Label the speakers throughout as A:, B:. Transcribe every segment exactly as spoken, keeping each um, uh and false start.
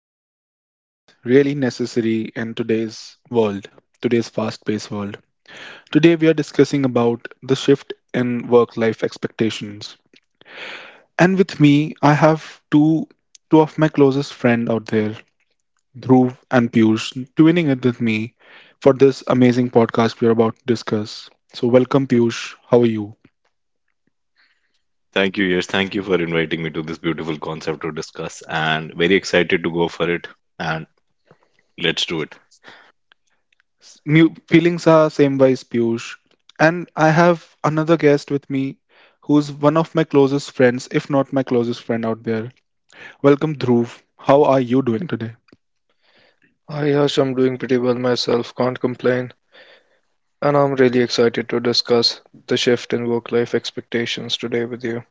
A: Today's topic is really necessary in today's world, today's fast paced world. Today, we are discussing about the shift in work life expectations. And with me, I have two, two of my closest friends out there, Dhruv and Piyush, twinning it with me for this amazing podcast we are about to discuss. So, welcome, Piyush. How are you?
B: Thank you, Yash. Thank you for inviting me to this beautiful concept to discuss and very excited to go for it and let's do it.
A: S- mu- Feelings are same wise, Piyush. And I have another guest with me who's one of my closest friends, if not my closest friend out there. Welcome, Dhruv. How are you doing today?
C: Hi Yash, I'm doing pretty well myself, can't complain. And I'm really excited to discuss the shift in work-life expectations today with you.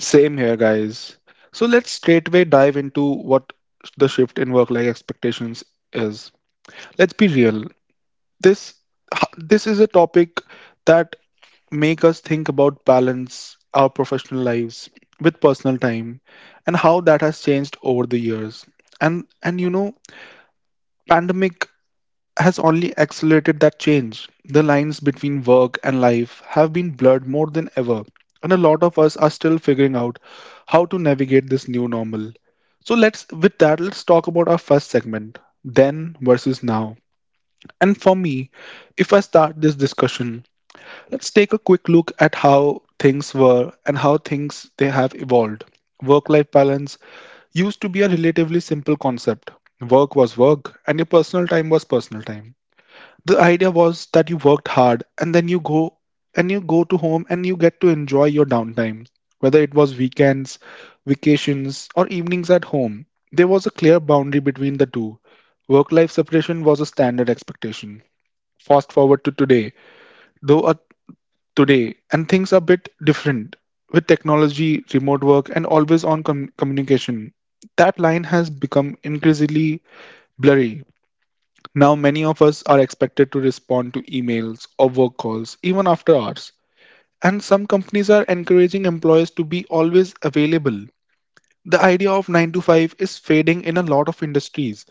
A: Same here, guys. So let's straightway dive into what the shift in work-life expectations is. Let's be real. This this is a topic that make us think about balance our professional lives with personal time, and how that has changed over the years. And and you know pandemic has only accelerated that change. The lines between work and life have been blurred more than ever, and a lot of us are still figuring out how to navigate this new normal. So, let's with that, let's talk about our first segment, then versus now. And for me, if I start this discussion, let's take a quick look at how things were and how things they have evolved. Work life balance used to be a relatively simple concept. Work was work, and your personal time was personal time. The idea was that you worked hard and then you go and you go to home and you get to enjoy your downtime. Whether it was weekends, vacations or evenings at home, there was a clear boundary between the two. Work life separation was a standard expectation. Fast forward to today, though a today and things are a bit different with technology, remote work, and always on com- communication. That line has become increasingly blurry. Now many of us are expected to respond to emails or work calls even after hours, and some companies are encouraging employees to be always available. The idea of nine to five is fading in a lot of industries,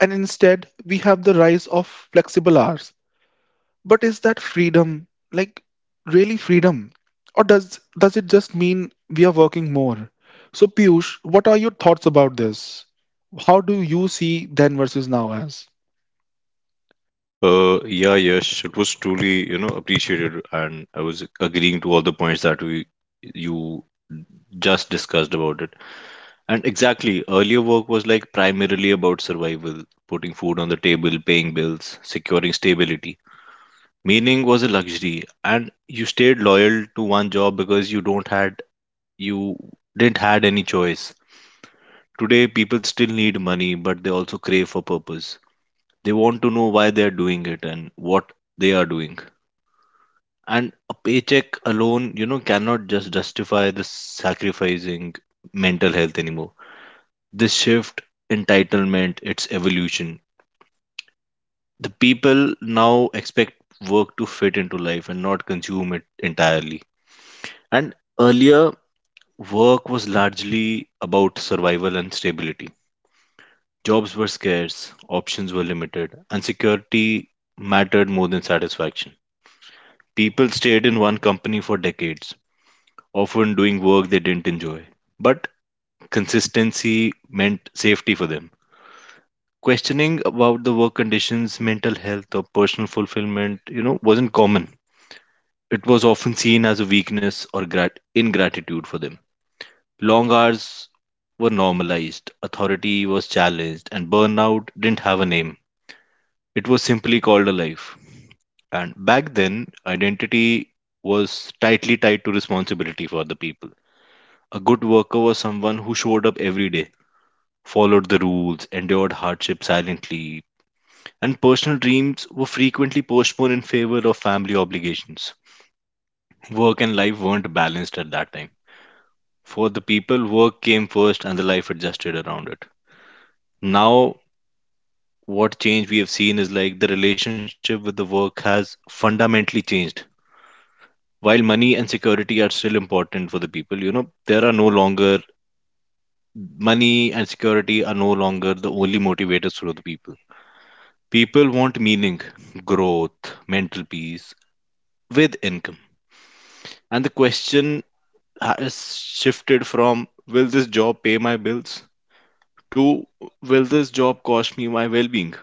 A: and instead we have the rise of flexible hours. But is that freedom, like really freedom? Or does does it just mean we are working more? So Piyush, what are your thoughts about this? How do you see then versus now as?
B: Uh yeah, Yash, it was truly, you know, appreciated and I was agreeing to all the points that we you just discussed about it. And exactly, earlier work was like primarily about survival, putting food on the table, paying bills, securing stability. Meaning was a luxury and you stayed loyal to one job because you don't had you didn't had any choice. Today, people still need money, but they also crave for purpose. They want to know why they are doing it and what they are doing. And a paycheck alone, you know, cannot just justify the sacrificing mental health anymore. This shift, entitlement, its evolution. The people now expect work to fit into life and not consume it entirely. And earlier, work was largely about survival and stability. Jobs were scarce, options were limited, and security mattered more than satisfaction. People stayed in one company for decades, often doing work they didn't enjoy. But consistency meant safety for them. Questioning about the work conditions, mental health, or personal fulfillment, you know, wasn't common. It was often seen as a weakness or grat- ingratitude for them. Long hours were normalized, authority was challenged, and burnout didn't have a name. It was simply called a life. And back then, identity was tightly tied to responsibility for the people. A good worker was someone who showed up every day, followed the rules, endured hardship silently, and personal dreams were frequently postponed in favor of family obligations. Work and life weren't balanced at that time. For the people, work came first and the life adjusted around it. Now, what change we have seen is like the relationship with the work has fundamentally changed while money and security are still important for the people, you know, there are no longer money and security are no longer the only motivators for the people. People want meaning, growth, mental peace with income. And the question has shifted from will this job pay my bills to will this job cost me my well being?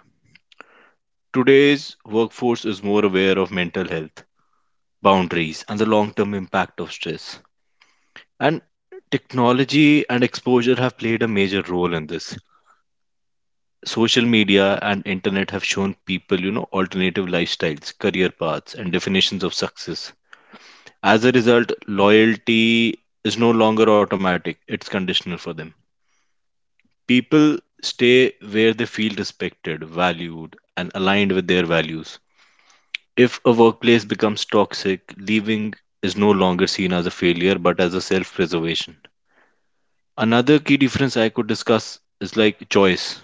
B: Today's workforce is more aware of mental health, boundaries, and the long term impact of stress. And technology and exposure have played a major role in this. Social media and internet have shown people, you know, alternative lifestyles, career paths, and definitions of success. As a result, loyalty is no longer automatic, it's conditional for them. People stay where they feel respected, valued, and aligned with their values. If a workplace becomes toxic, leaving is no longer seen as a failure but as a self preservation. Another key difference I could discuss is like choice.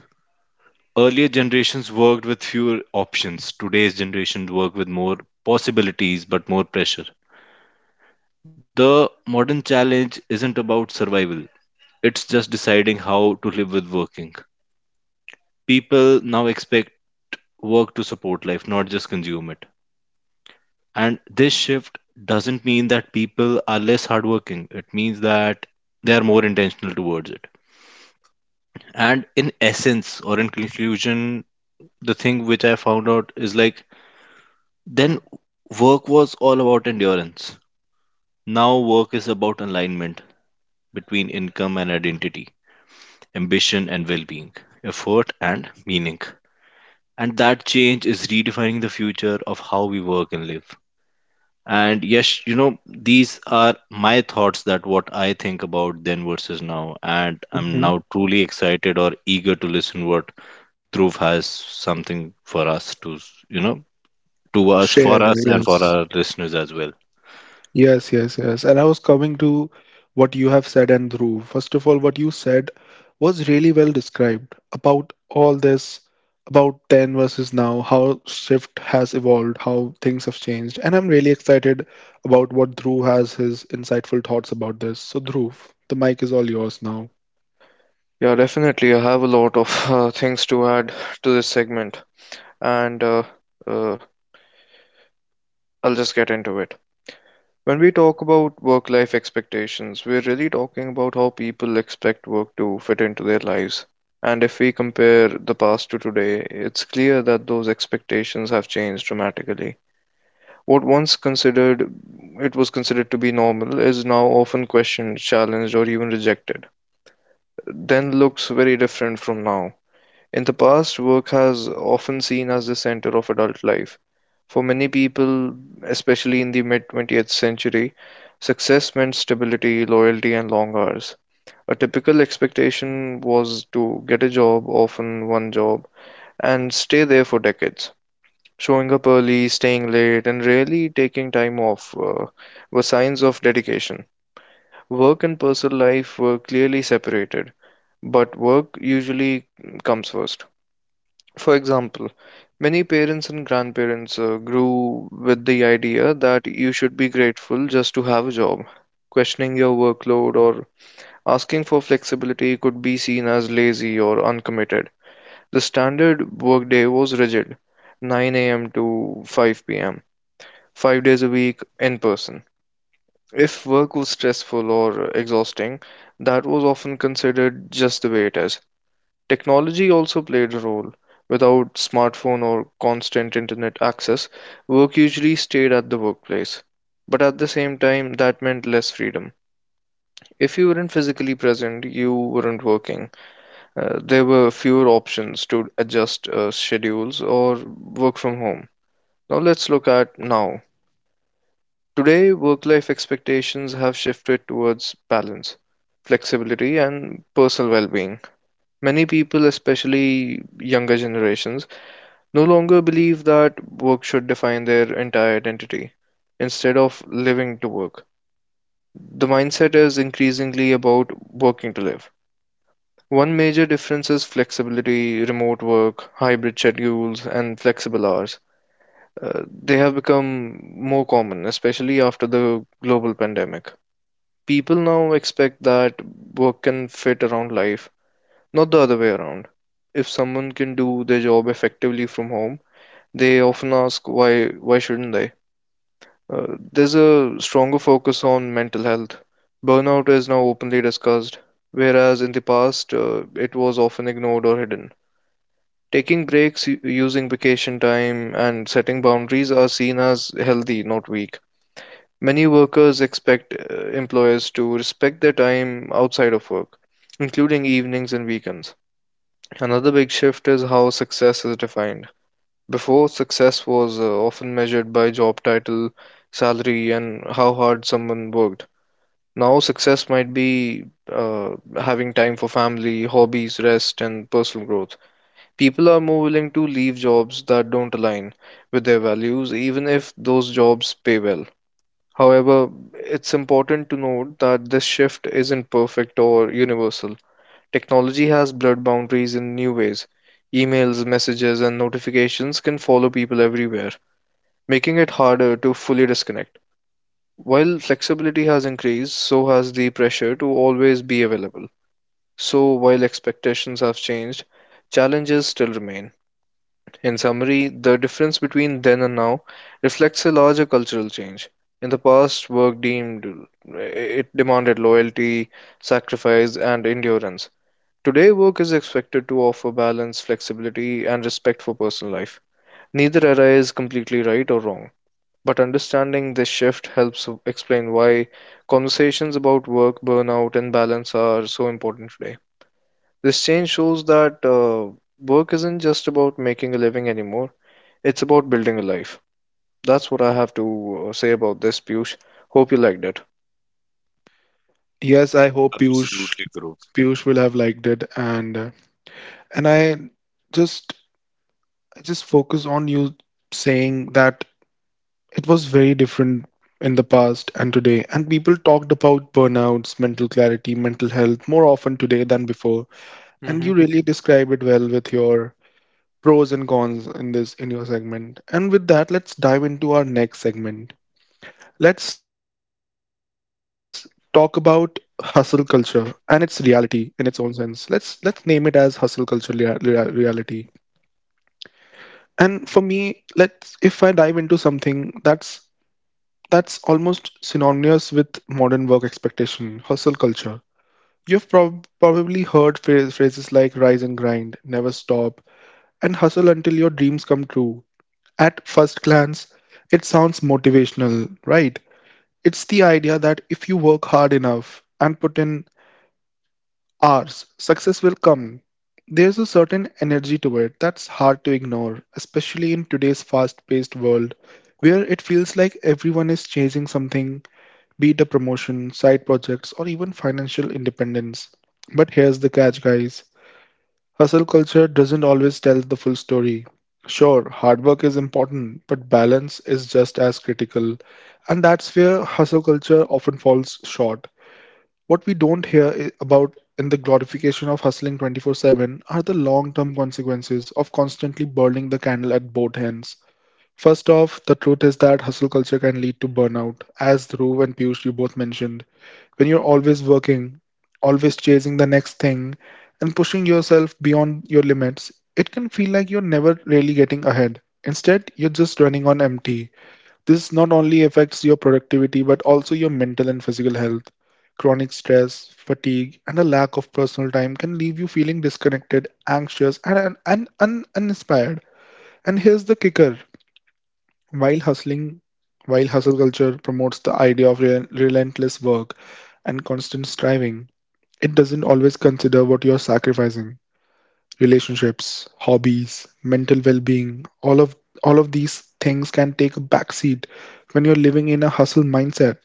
B: Earlier generations worked with fewer options. Today's generations work with more possibilities but more pressure. The modern challenge isn't about survival, it's just deciding how to live with working. People now expect work to support life, not just consume it. And this shift doesn't mean that people are less hardworking, it means that they are more intentional towards it. And in essence or in conclusion, the thing which I found out is like then work was all about endurance. Now work is about alignment between income and identity, ambition and well being, effort and meaning. And that change is redefining the future of how we work and live. And yes, you know, these are my thoughts that what I think about then versus now. And I'm
A: Hmm.
B: now truly excited or eager to listen what Dhruv has something for us to, you know, to us, for
A: Share,
B: us, and for
A: yes.
B: our listeners as well.
A: Yes, yes, yes. And I was coming to what you have said, and Dhruv. First of all, what you said was really well described about all this, about then versus now, how shift has evolved, how things have changed. And I'm really excited about what Dhruv has his insightful thoughts about this. So, Dhruv, the mic is all yours now.
C: Yeah, definitely. I have a lot of uh, things to add to this segment, and uh, uh, I'll just get into it. When we talk about work-life expectations, we're really talking about how people expect work to fit into their lives. And if we compare the past to today, it's clear that those expectations have changed dramatically. What once considered It was considered to be normal is now often questioned, challenged, or even rejected. Then looks very different from now. In the past, work has often seen as the center of adult life. For many people, especially in the mid twentieth century, success meant stability, loyalty, and long hours. A typical expectation was to get a job, often one job, and stay there for decades. Showing up early, staying late, and rarely taking time off uh, were signs of dedication. Work and personal life were clearly separated, but work usually comes first. For example, many parents and grandparents uh, grew with the idea that you should be grateful just to have a job. Questioning your workload or asking for flexibility could be seen as lazy or uncommitted. The standard workday was rigid nine a m to five p.m five days a week in person. If work was stressful or exhausting, that was often considered just the way it is. Technology also played a role. Without smartphone or constant internet access, work usually stayed at the workplace. But at the same time, that meant less freedom. If you weren't physically present, you weren't working. Uh, there were fewer options to adjust uh, schedules or work from home. Now let's look at now. Today, work life expectations have shifted towards balance, flexibility, and personal well being. Many people, especially younger generations, no longer believe that work should define their entire identity instead of living to work. The mindset is increasingly about working to live. One major difference is flexibility, remote work, hybrid schedules, and flexible hours. Uh, they have become more common, especially after the global pandemic. People now expect that work can fit around life, not the other way around. If someone can do their job effectively from home, they often ask why why shouldn't they? Uh, there's a stronger focus on mental health. Burnout is now openly discussed, whereas in the past uh, it was often ignored or hidden. Taking breaks, u- using vacation time, and setting boundaries are seen as healthy, not weak. Many workers expect uh, employers to respect their time outside of work, including evenings and weekends. Another big shift is how success is defined. Before, success was uh, often measured by job title, salary, and how hard someone worked. Now, success might be uh, having time for family, hobbies, rest, and personal growth. People are more willing to leave jobs that don't align with their values, even if those jobs pay well. However, it's important to note that this shift isn't perfect or universal. Technology has blurred boundaries in new ways. Emails, messages, and notifications can follow people everywhere, making it harder to fully disconnect. While flexibility has increased, so has the pressure to always be available. So, while expectations have changed, challenges still remain. In summary, the difference between then and now reflects a larger cultural change. In the past, work deemed it demanded loyalty, sacrifice, and endurance. Today, work is expected to offer balance, flexibility, and respect for personal life. Neither era is completely right or wrong, but understanding this shift helps explain why conversations about work, burnout, and balance are so important today. This change shows that uh, work isn't just about making a living anymore. It's about building a life. That's what I have to uh, say about this, Piyush. Hope you liked it.
A: Yes, I hope Piyush
B: Absolutely, bro.
A: Piyush will have liked it, and uh, and I just I just focus on you saying that it was very different in the past and today, and people talked about burnouts, mental clarity, mental health more often today than before. And
C: Hmm.
A: you really describe it well with your pros and cons in this in your segment. And with that, let's dive into our next segment. Let's talk about hustle culture and its reality in its own sense. Let's let's name it as hustle culture rea- rea- reality. And for me, let's if I dive into something that's that's almost synonymous with modern work expectation, hustle culture. You've prob- probably heard phra- phrases like rise and grind, never stop, and hustle until your dreams come true. At first glance, it sounds motivational, right? It's the idea that if you work hard enough and put in hours, success will come. There's a certain energy to it that's hard to ignore, especially in today's fast paced world where it feels like everyone is chasing something, be it a promotion, side projects, or even financial independence. But here's the catch, guys: hustle culture doesn't always tell the full story. Sure, hard work is important, but balance is just as critical. And that's where hustle culture often falls short. What we don't hear i- about in the glorification of hustling twenty four seven are the long term consequences of constantly burning the candle at both ends. First off, the truth is that hustle culture can lead to burnout, as Dhruv and Piyush you both mentioned, when you're always working, always chasing the next thing, and pushing yourself beyond your limits, it can feel like you're never really getting ahead. Instead, you're just running on empty. This not only affects your productivity but also your mental and physical health. Chronic stress, fatigue, and a lack of personal time can leave you feeling disconnected, anxious, and, and, and un, uninspired. And here's the kicker: while hustling, while hustle culture promotes the idea of rel- relentless work and constant striving, it doesn't always consider what you're sacrificing. Relationships, hobbies, mental well-being, all of all of these things can take a backseat when you're living in a hustle mindset.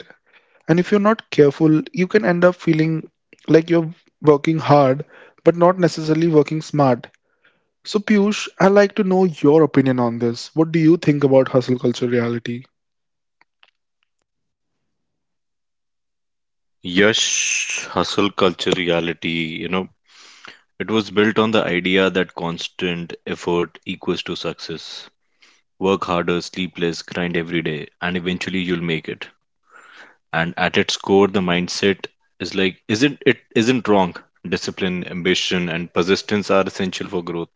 A: And if you're not careful, you can end up feeling like you're working hard but not necessarily working smart. So Piyush, I'd like to know your opinion on this. What do you think about hustle culture reality?
B: Yash, hustle culture reality, you know, it was built on the idea that constant effort equals to success. Work harder, sleep less, grind every day, and eventually you'll make it. And at its core, the mindset is like, isn't it isn't wrong. Discipline, ambition, and persistence are essential for growth.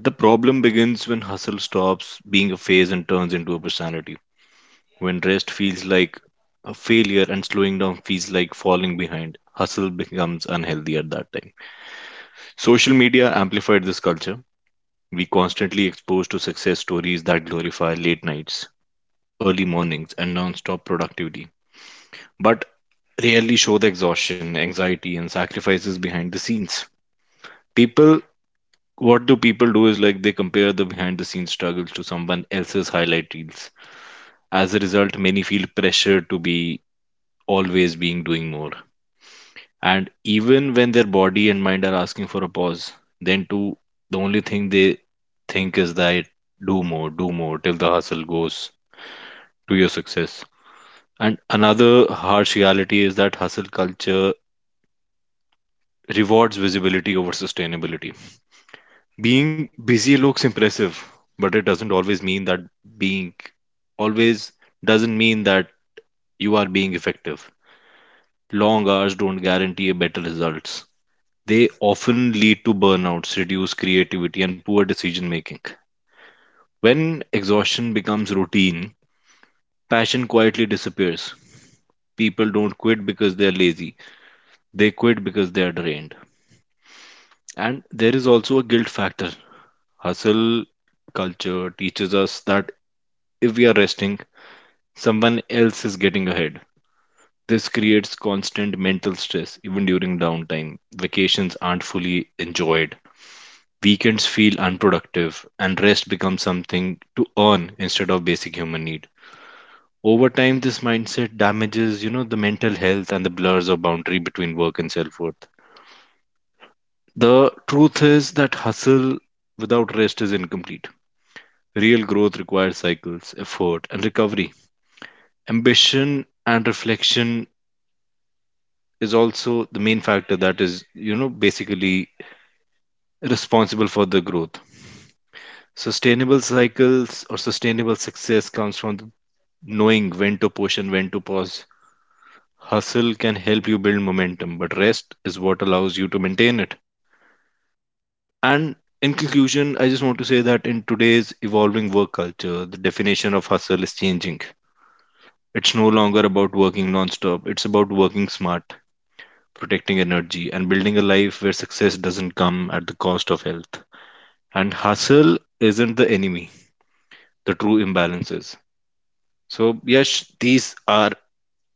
B: The problem begins when hustle stops being a phase and turns into a personality. When rest feels like a failure and slowing down feels like falling behind, hustle becomes unhealthy at that time. Social media amplified this culture. We constantly exposed to success stories that glorify late nights, early mornings, and non-stop productivity, but rarely show the exhaustion, anxiety, and sacrifices behind the scenes. People, what do people do is like they compare the behind-the-scenes struggles to someone else's highlight reels. As a result, many feel pressured to be always being doing more and even when their body and mind are asking for a pause, then too the only thing they think is that do more do more till the hustle goes to your success. And another harsh reality is that hustle culture rewards visibility over sustainability. Being busy looks impressive, but it doesn't always mean that being always doesn't mean that you are being effective. Long hours don't guarantee a better results. They often lead to burnouts, reduced creativity, and poor decision making. When exhaustion becomes routine, passion quietly disappears. People don't quit because they're lazy, they quit because they're drained. And there is also a guilt factor. Hustle culture teaches us that if we are resting, someone else is getting ahead. This creates constant mental stress even during downtime. Vacations aren't fully enjoyed. Weekends feel unproductive, and rest becomes something to earn instead of basic human need. Over time, this mindset damages, you know, the mental health and the blurs of boundary between work and self-worth. The truth is that hustle without rest is incomplete. Real growth requires cycles, effort, and recovery. Ambition and reflection is also the main factor that is, you know, basically responsible for the growth. Sustainable cycles or sustainable success comes from the knowing when to push and when to pause. Hustle can help you build momentum, but rest is what allows you to maintain it. And in conclusion, I just want to say that in today's evolving work culture, the definition of hustle is changing. It's no longer about working non-stop, it's about working smart, protecting energy, and building a life where success doesn't come at the cost of health. And hustle isn't the enemy, the true imbalance is. So, yes, these are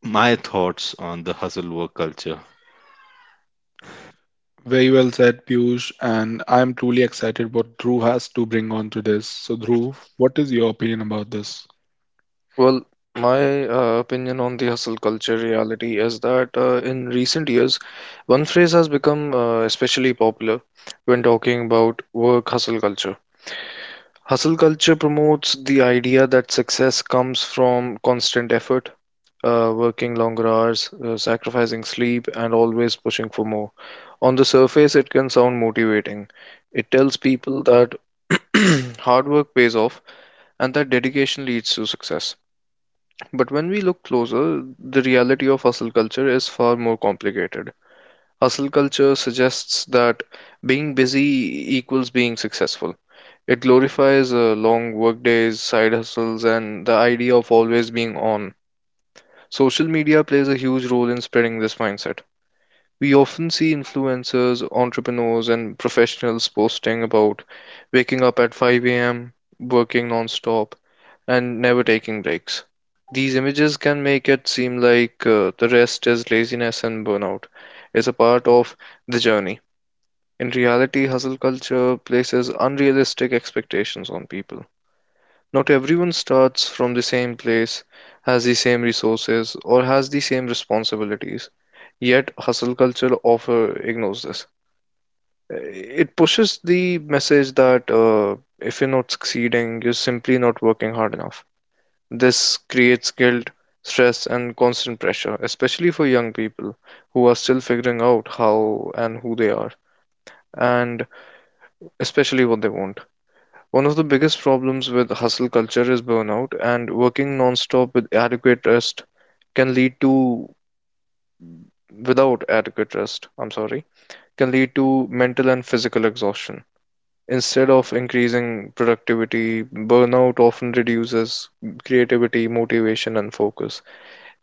B: my thoughts on the hustle work culture.
A: Very well said, Piyush, and I'm truly excited what Dhruv has to bring on to this. So, Dhruv, what is your opinion about this?
C: Well, my uh, opinion on the hustle culture reality is that uh, in recent years, one phrase has become uh, especially popular when talking about work hustle culture. Hustle culture promotes the idea that success comes from constant effort, uh, working longer hours, uh, sacrificing sleep, and always pushing for more. On the surface, it can sound motivating. It tells people that hard work pays off and that dedication leads to success. But when we look closer, the reality of hustle culture is far more complicated. Hustle culture suggests that being busy equals being successful. It glorifies uh, long work days, side hustles, and the idea of always being on. Social media plays a huge role in spreading this mindset. We often see influencers, entrepreneurs, and professionals posting about waking up at five a m, working non-stop, and never taking breaks. These images can make it seem like uh, the rest is laziness and burnout. It's a part of the journey. In reality, hustle culture places unrealistic expectations on people. Not everyone starts from the same place, has the same resources, or has the same responsibilities. Yet, hustle culture often ignores this. Uh, It pushes the message that uh, if you're not succeeding, you're simply not working hard enough. This creates guilt, stress, and constant pressure, especially for young people who are still figuring out how and who they are, and especially what they want. One of the biggest problems with hustle culture is burnout, and working non-stop with adequate rest can lead to without adequate rest, I'm sorry, can lead to mental and physical exhaustion. Instead of increasing productivity, burnout often reduces creativity, motivation, and focus.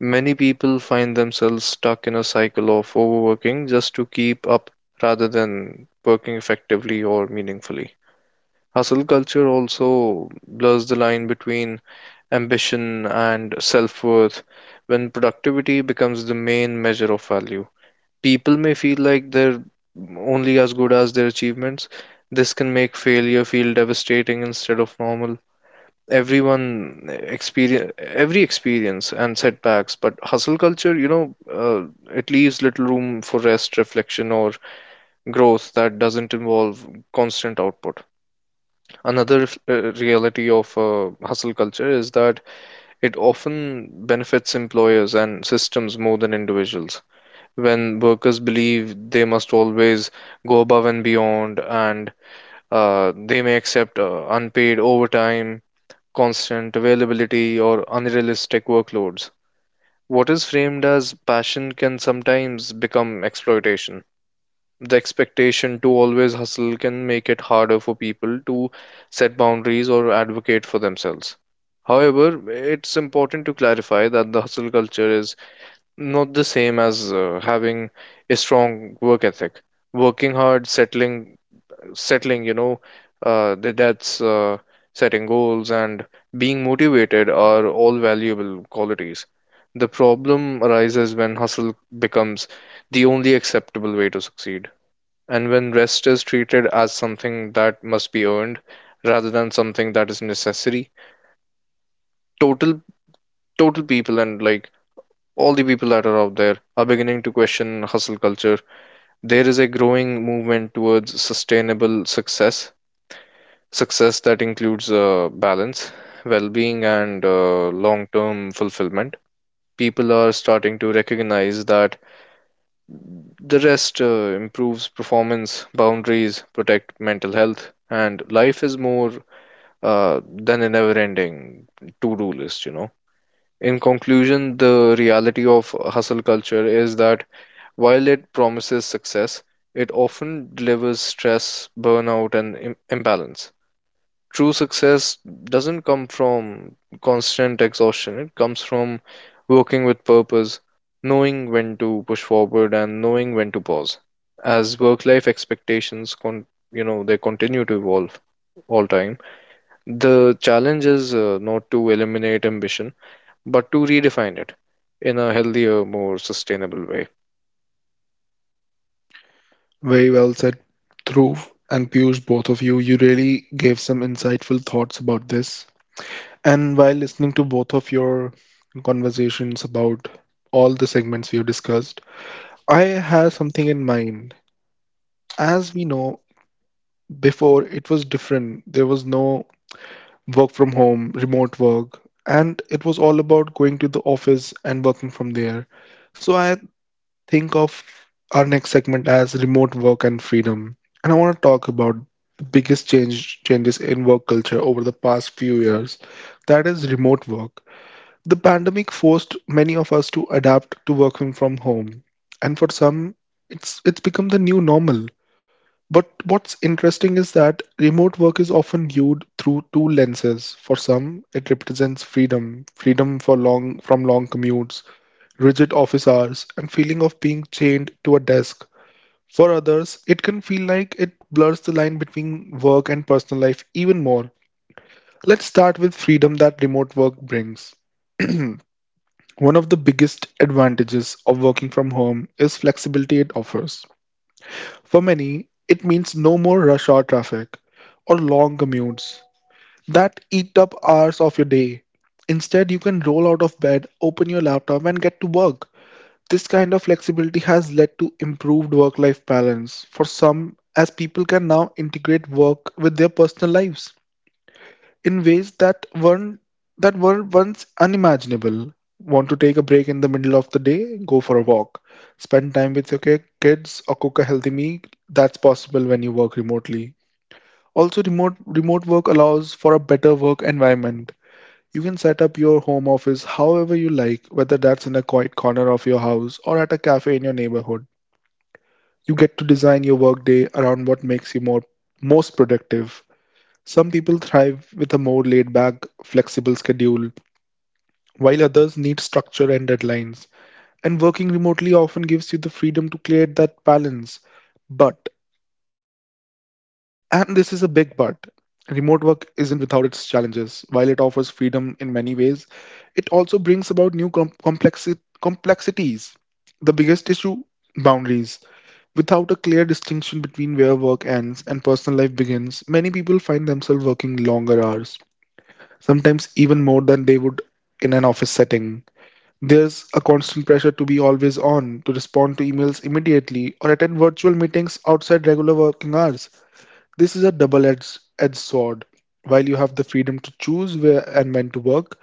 C: Many people find themselves stuck in a cycle of overworking just to keep up rather than working effectively or meaningfully. Hustle culture also blurs the line between ambition and self worth when productivity becomes the main measure of value. People may feel like they're only as good as their achievements. This can make failure feel devastating instead of normal. Everyone experience every experience and setbacks, but hustle culture, you know, uh, it leaves little room for rest, reflection, or growth that doesn't involve constant output. Another uh, reality of uh, hustle culture is that it often benefits employers and systems more than individuals. When workers believe they must always go above and beyond, and uh, they may accept uh, unpaid overtime, constant availability, or unrealistic workloads. What is framed as passion can sometimes become exploitation. The expectation to always hustle can make it harder for people to set boundaries or advocate for themselves. However, it's important to clarify that the hustle culture is not the same as uh, having a strong work ethic. Working hard, settling, settling, you know, uh, the debts, uh, setting goals, and being motivated are all valuable qualities. The problem arises when hustle becomes the only acceptable way to succeed. And when rest is treated as something that must be earned rather than something that is necessary, total total people and like all the people that are out there are beginning to question hustle culture. There is a growing movement towards sustainable success, success that includes uh, balance, well-being, and uh, long-term fulfillment. People are starting to recognize that the rest uh, improves performance, boundaries, protect mental health, and life is more uh, than a never ending to do list, you know. In conclusion, the reality of hustle culture is that while it promises success, it often delivers stress, burnout, and Im- imbalance. True success doesn't come from constant exhaustion, it comes from working with purpose, knowing when to push forward, and knowing when to pause. As work life expectations, con- you know, they continue to evolve all time, the challenge is uh, not to eliminate ambition, but to redefine it in a healthier, more sustainable way.
A: Very well said, Dhruv and Piyush, both of you. You really gave some insightful thoughts about this. And while listening to both of your conversations about all the segments we have discussed, I have something in mind. As we know, before it was different. There was no work from home, remote work, and it was all about going to the office and working from there. So I think of our next segment as remote work and freedom. And I want to talk about the biggest change changes in work culture over the past few years. That is remote work. The pandemic forced many of us to adapt to working from home. And for some, it's it's become the new normal. But what's interesting is that remote work is often viewed through two lenses. For some, it represents freedom, freedom for long from long commutes, rigid office hours, and feeling of being chained to a desk. For others, it can feel like it blurs the line between work and personal life even more. Let's start with freedom that remote work brings. One of the biggest advantages of working from home is flexibility it offers. For many, it means no more rush hour traffic or long commutes that eat up hours of your day. Instead, you can roll out of bed, open your laptop, and get to work. This kind of flexibility has led to improved work life balance for some, as people can now integrate work with their personal lives in ways that weren't that were once unimaginable. Want to take a break in the middle of the day? Go for a walk. Spend time with your ki- kids or cook a healthy meal? That's possible when you work remotely. Also, remote remote work allows for a better work environment. You can set up your home office however you like, whether that's in a quiet corner of your house or at a cafe in your neighborhood. You get to design your workday around what makes you more most productive. Some people thrive with a more laid back, flexible schedule, while others need structure and deadlines. And working remotely often gives you the freedom to create that balance. But, and this is a big but, remote work isn't without its challenges. While it offers freedom in many ways, it also brings about new com- complexi- complexities. The biggest issue: boundaries. Without a clear distinction between where work ends and personal life begins, many people find themselves working longer hours, sometimes even more than they would in an office setting. There's a constant pressure to be always on, to respond to emails immediately, or attend virtual meetings outside regular working hours. This is a double edged sword. While you have the freedom to choose where and when to work,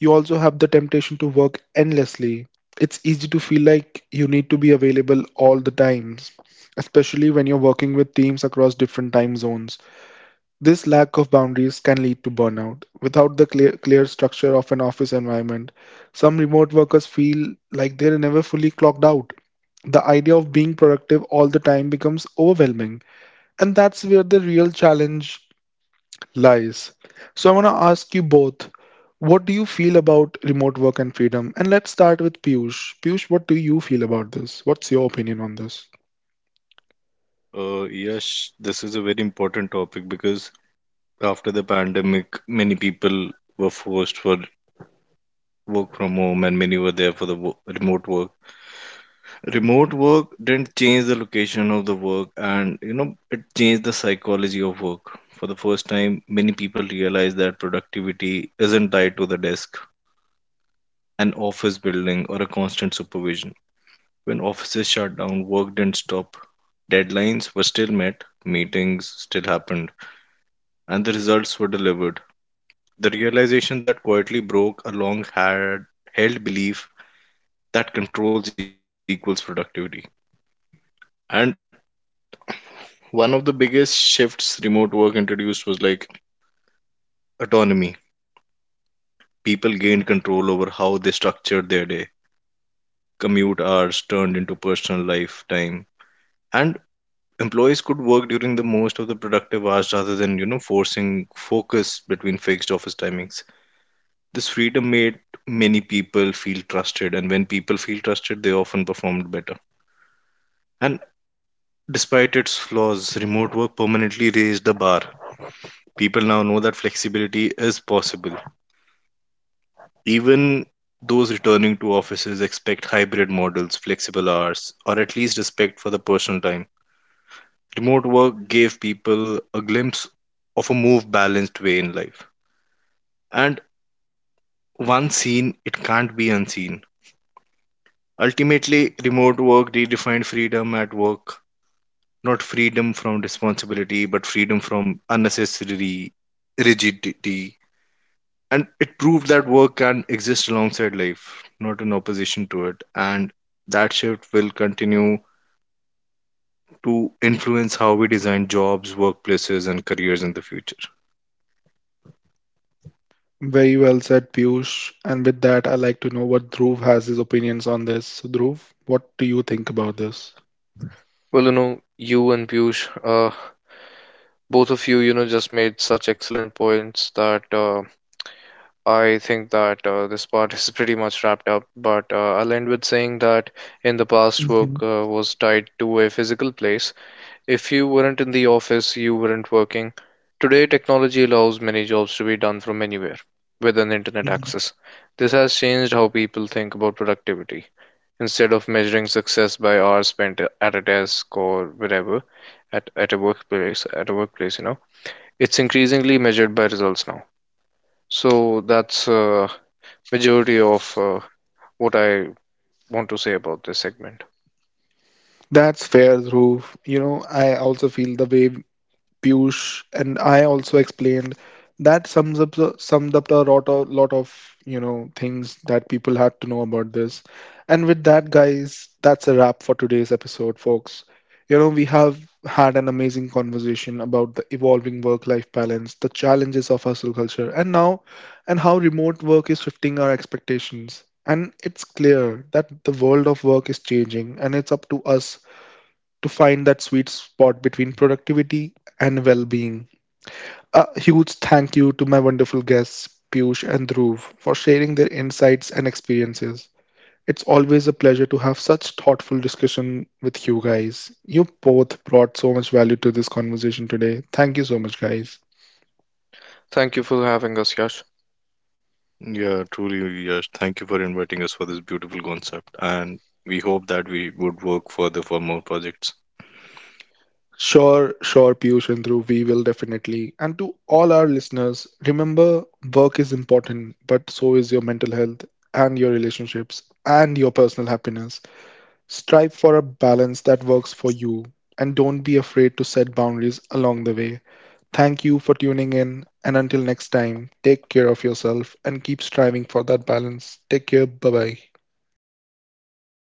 A: you also have the temptation to work endlessly. It's easy to feel like you need to be available all the times, especially when you're working with teams across different time zones. This lack of boundaries can lead to burnout. Without the clear, clear structure of an office environment, some remote workers feel like they're never fully clocked out. The idea of being productive all the time becomes overwhelming, and that's where the real challenge lies. So, I want to ask you both, what do you feel about remote work and freedom? And let's start with Piyush. Piyush, what do you feel about this? What's your opinion on this?
B: Uh, Yash, this is a very important topic because after the pandemic, many people were forced for work from home and many were there for the wo- remote work. Remote work didn't change the location of the work and you know it changed the psychology of work. For the first time, many people realized that productivity isn't tied to the desk, an office building, or a constant supervision. When offices shut down, work didn't stop. Deadlines were still met, meetings still happened and the results were delivered. The realization that quietly broke a long had held belief that controls equals productivity. And one of the biggest shifts remote work introduced was like autonomy. People gained control over how they structured their day. Commute hours turned into personal life time. And employees could work during the most of the productive hours rather than, you know, forcing focus between fixed office timings. This freedom made many people feel trusted, and when people feel trusted, they often performed better. And despite its flaws, remote work permanently raised the bar. People now know that flexibility is possible. Even those returning to offices expect hybrid models, flexible hours, or at least respect for the personal time. Remote work gave people a glimpse of a more balanced way in life. And once seen, it can't be unseen. Ultimately, remote work redefined freedom at work, not freedom from responsibility, but freedom from unnecessary rigidity. And it proved that work can exist alongside life, not in opposition to it. And that shift will continue to influence how we design jobs, workplaces, and careers in the future.
A: Very well said, Piyush. And with that, I'd like to know what Dhruv has his opinions on this. So, Dhruv, what do you think about this?
C: Well, you know, you and Piyush, uh, both of you, you know, just made such excellent points that uh, I think that uh, this part is pretty much wrapped up. But uh, I'll end with saying that in the past,
A: Mhm,
C: work uh, was tied to a physical place. If you weren't in the office, you weren't working. Today, technology allows many jobs to be done from anywhere with an internet
A: mhm.
C: access. This has changed how people think about productivity. Instead of measuring success by hours spent at a desk or wherever, at, at a workplace, at a workplace, you know, it's increasingly measured by results now. So that's uh, majority of uh, what I want to say about this segment.
A: That's fair, Dhruv. You know, I also feel the way Piyush and I also explained. That sums up the- summed up a lot of lot of you know things that people had to know about this. And with that, guys, that's a wrap for today's episode, folks. You know, we have had an amazing conversation about the evolving work-life balance, the challenges of hustle culture, and now and how remote work is shifting our expectations. And it's clear that the world of work is changing, and it's up to us to find that sweet spot between productivity and well being. A huge thank you to my wonderful guests, Piyush and Dhruv, for sharing their insights and experiences. It's always a pleasure to have such thoughtful discussion with you guys. You both brought so much value to this conversation today. Thank you so much, guys.
C: Thank you for having us, Yash.
B: Yeah, truly, yes. Thank you for inviting us for this beautiful concept. And we hope that we would work further for more projects.
A: Sure, sure, Piyush and Dhruv, we will definitely. And to all our listeners, remember work is important, but so is your mental health and your relationships and your personal happiness. Strive for a balance that works for you and don't be afraid to set boundaries along the way. Thank you for tuning in, and until next time, take care of yourself and keep striving for that balance. Take care. Bye bye.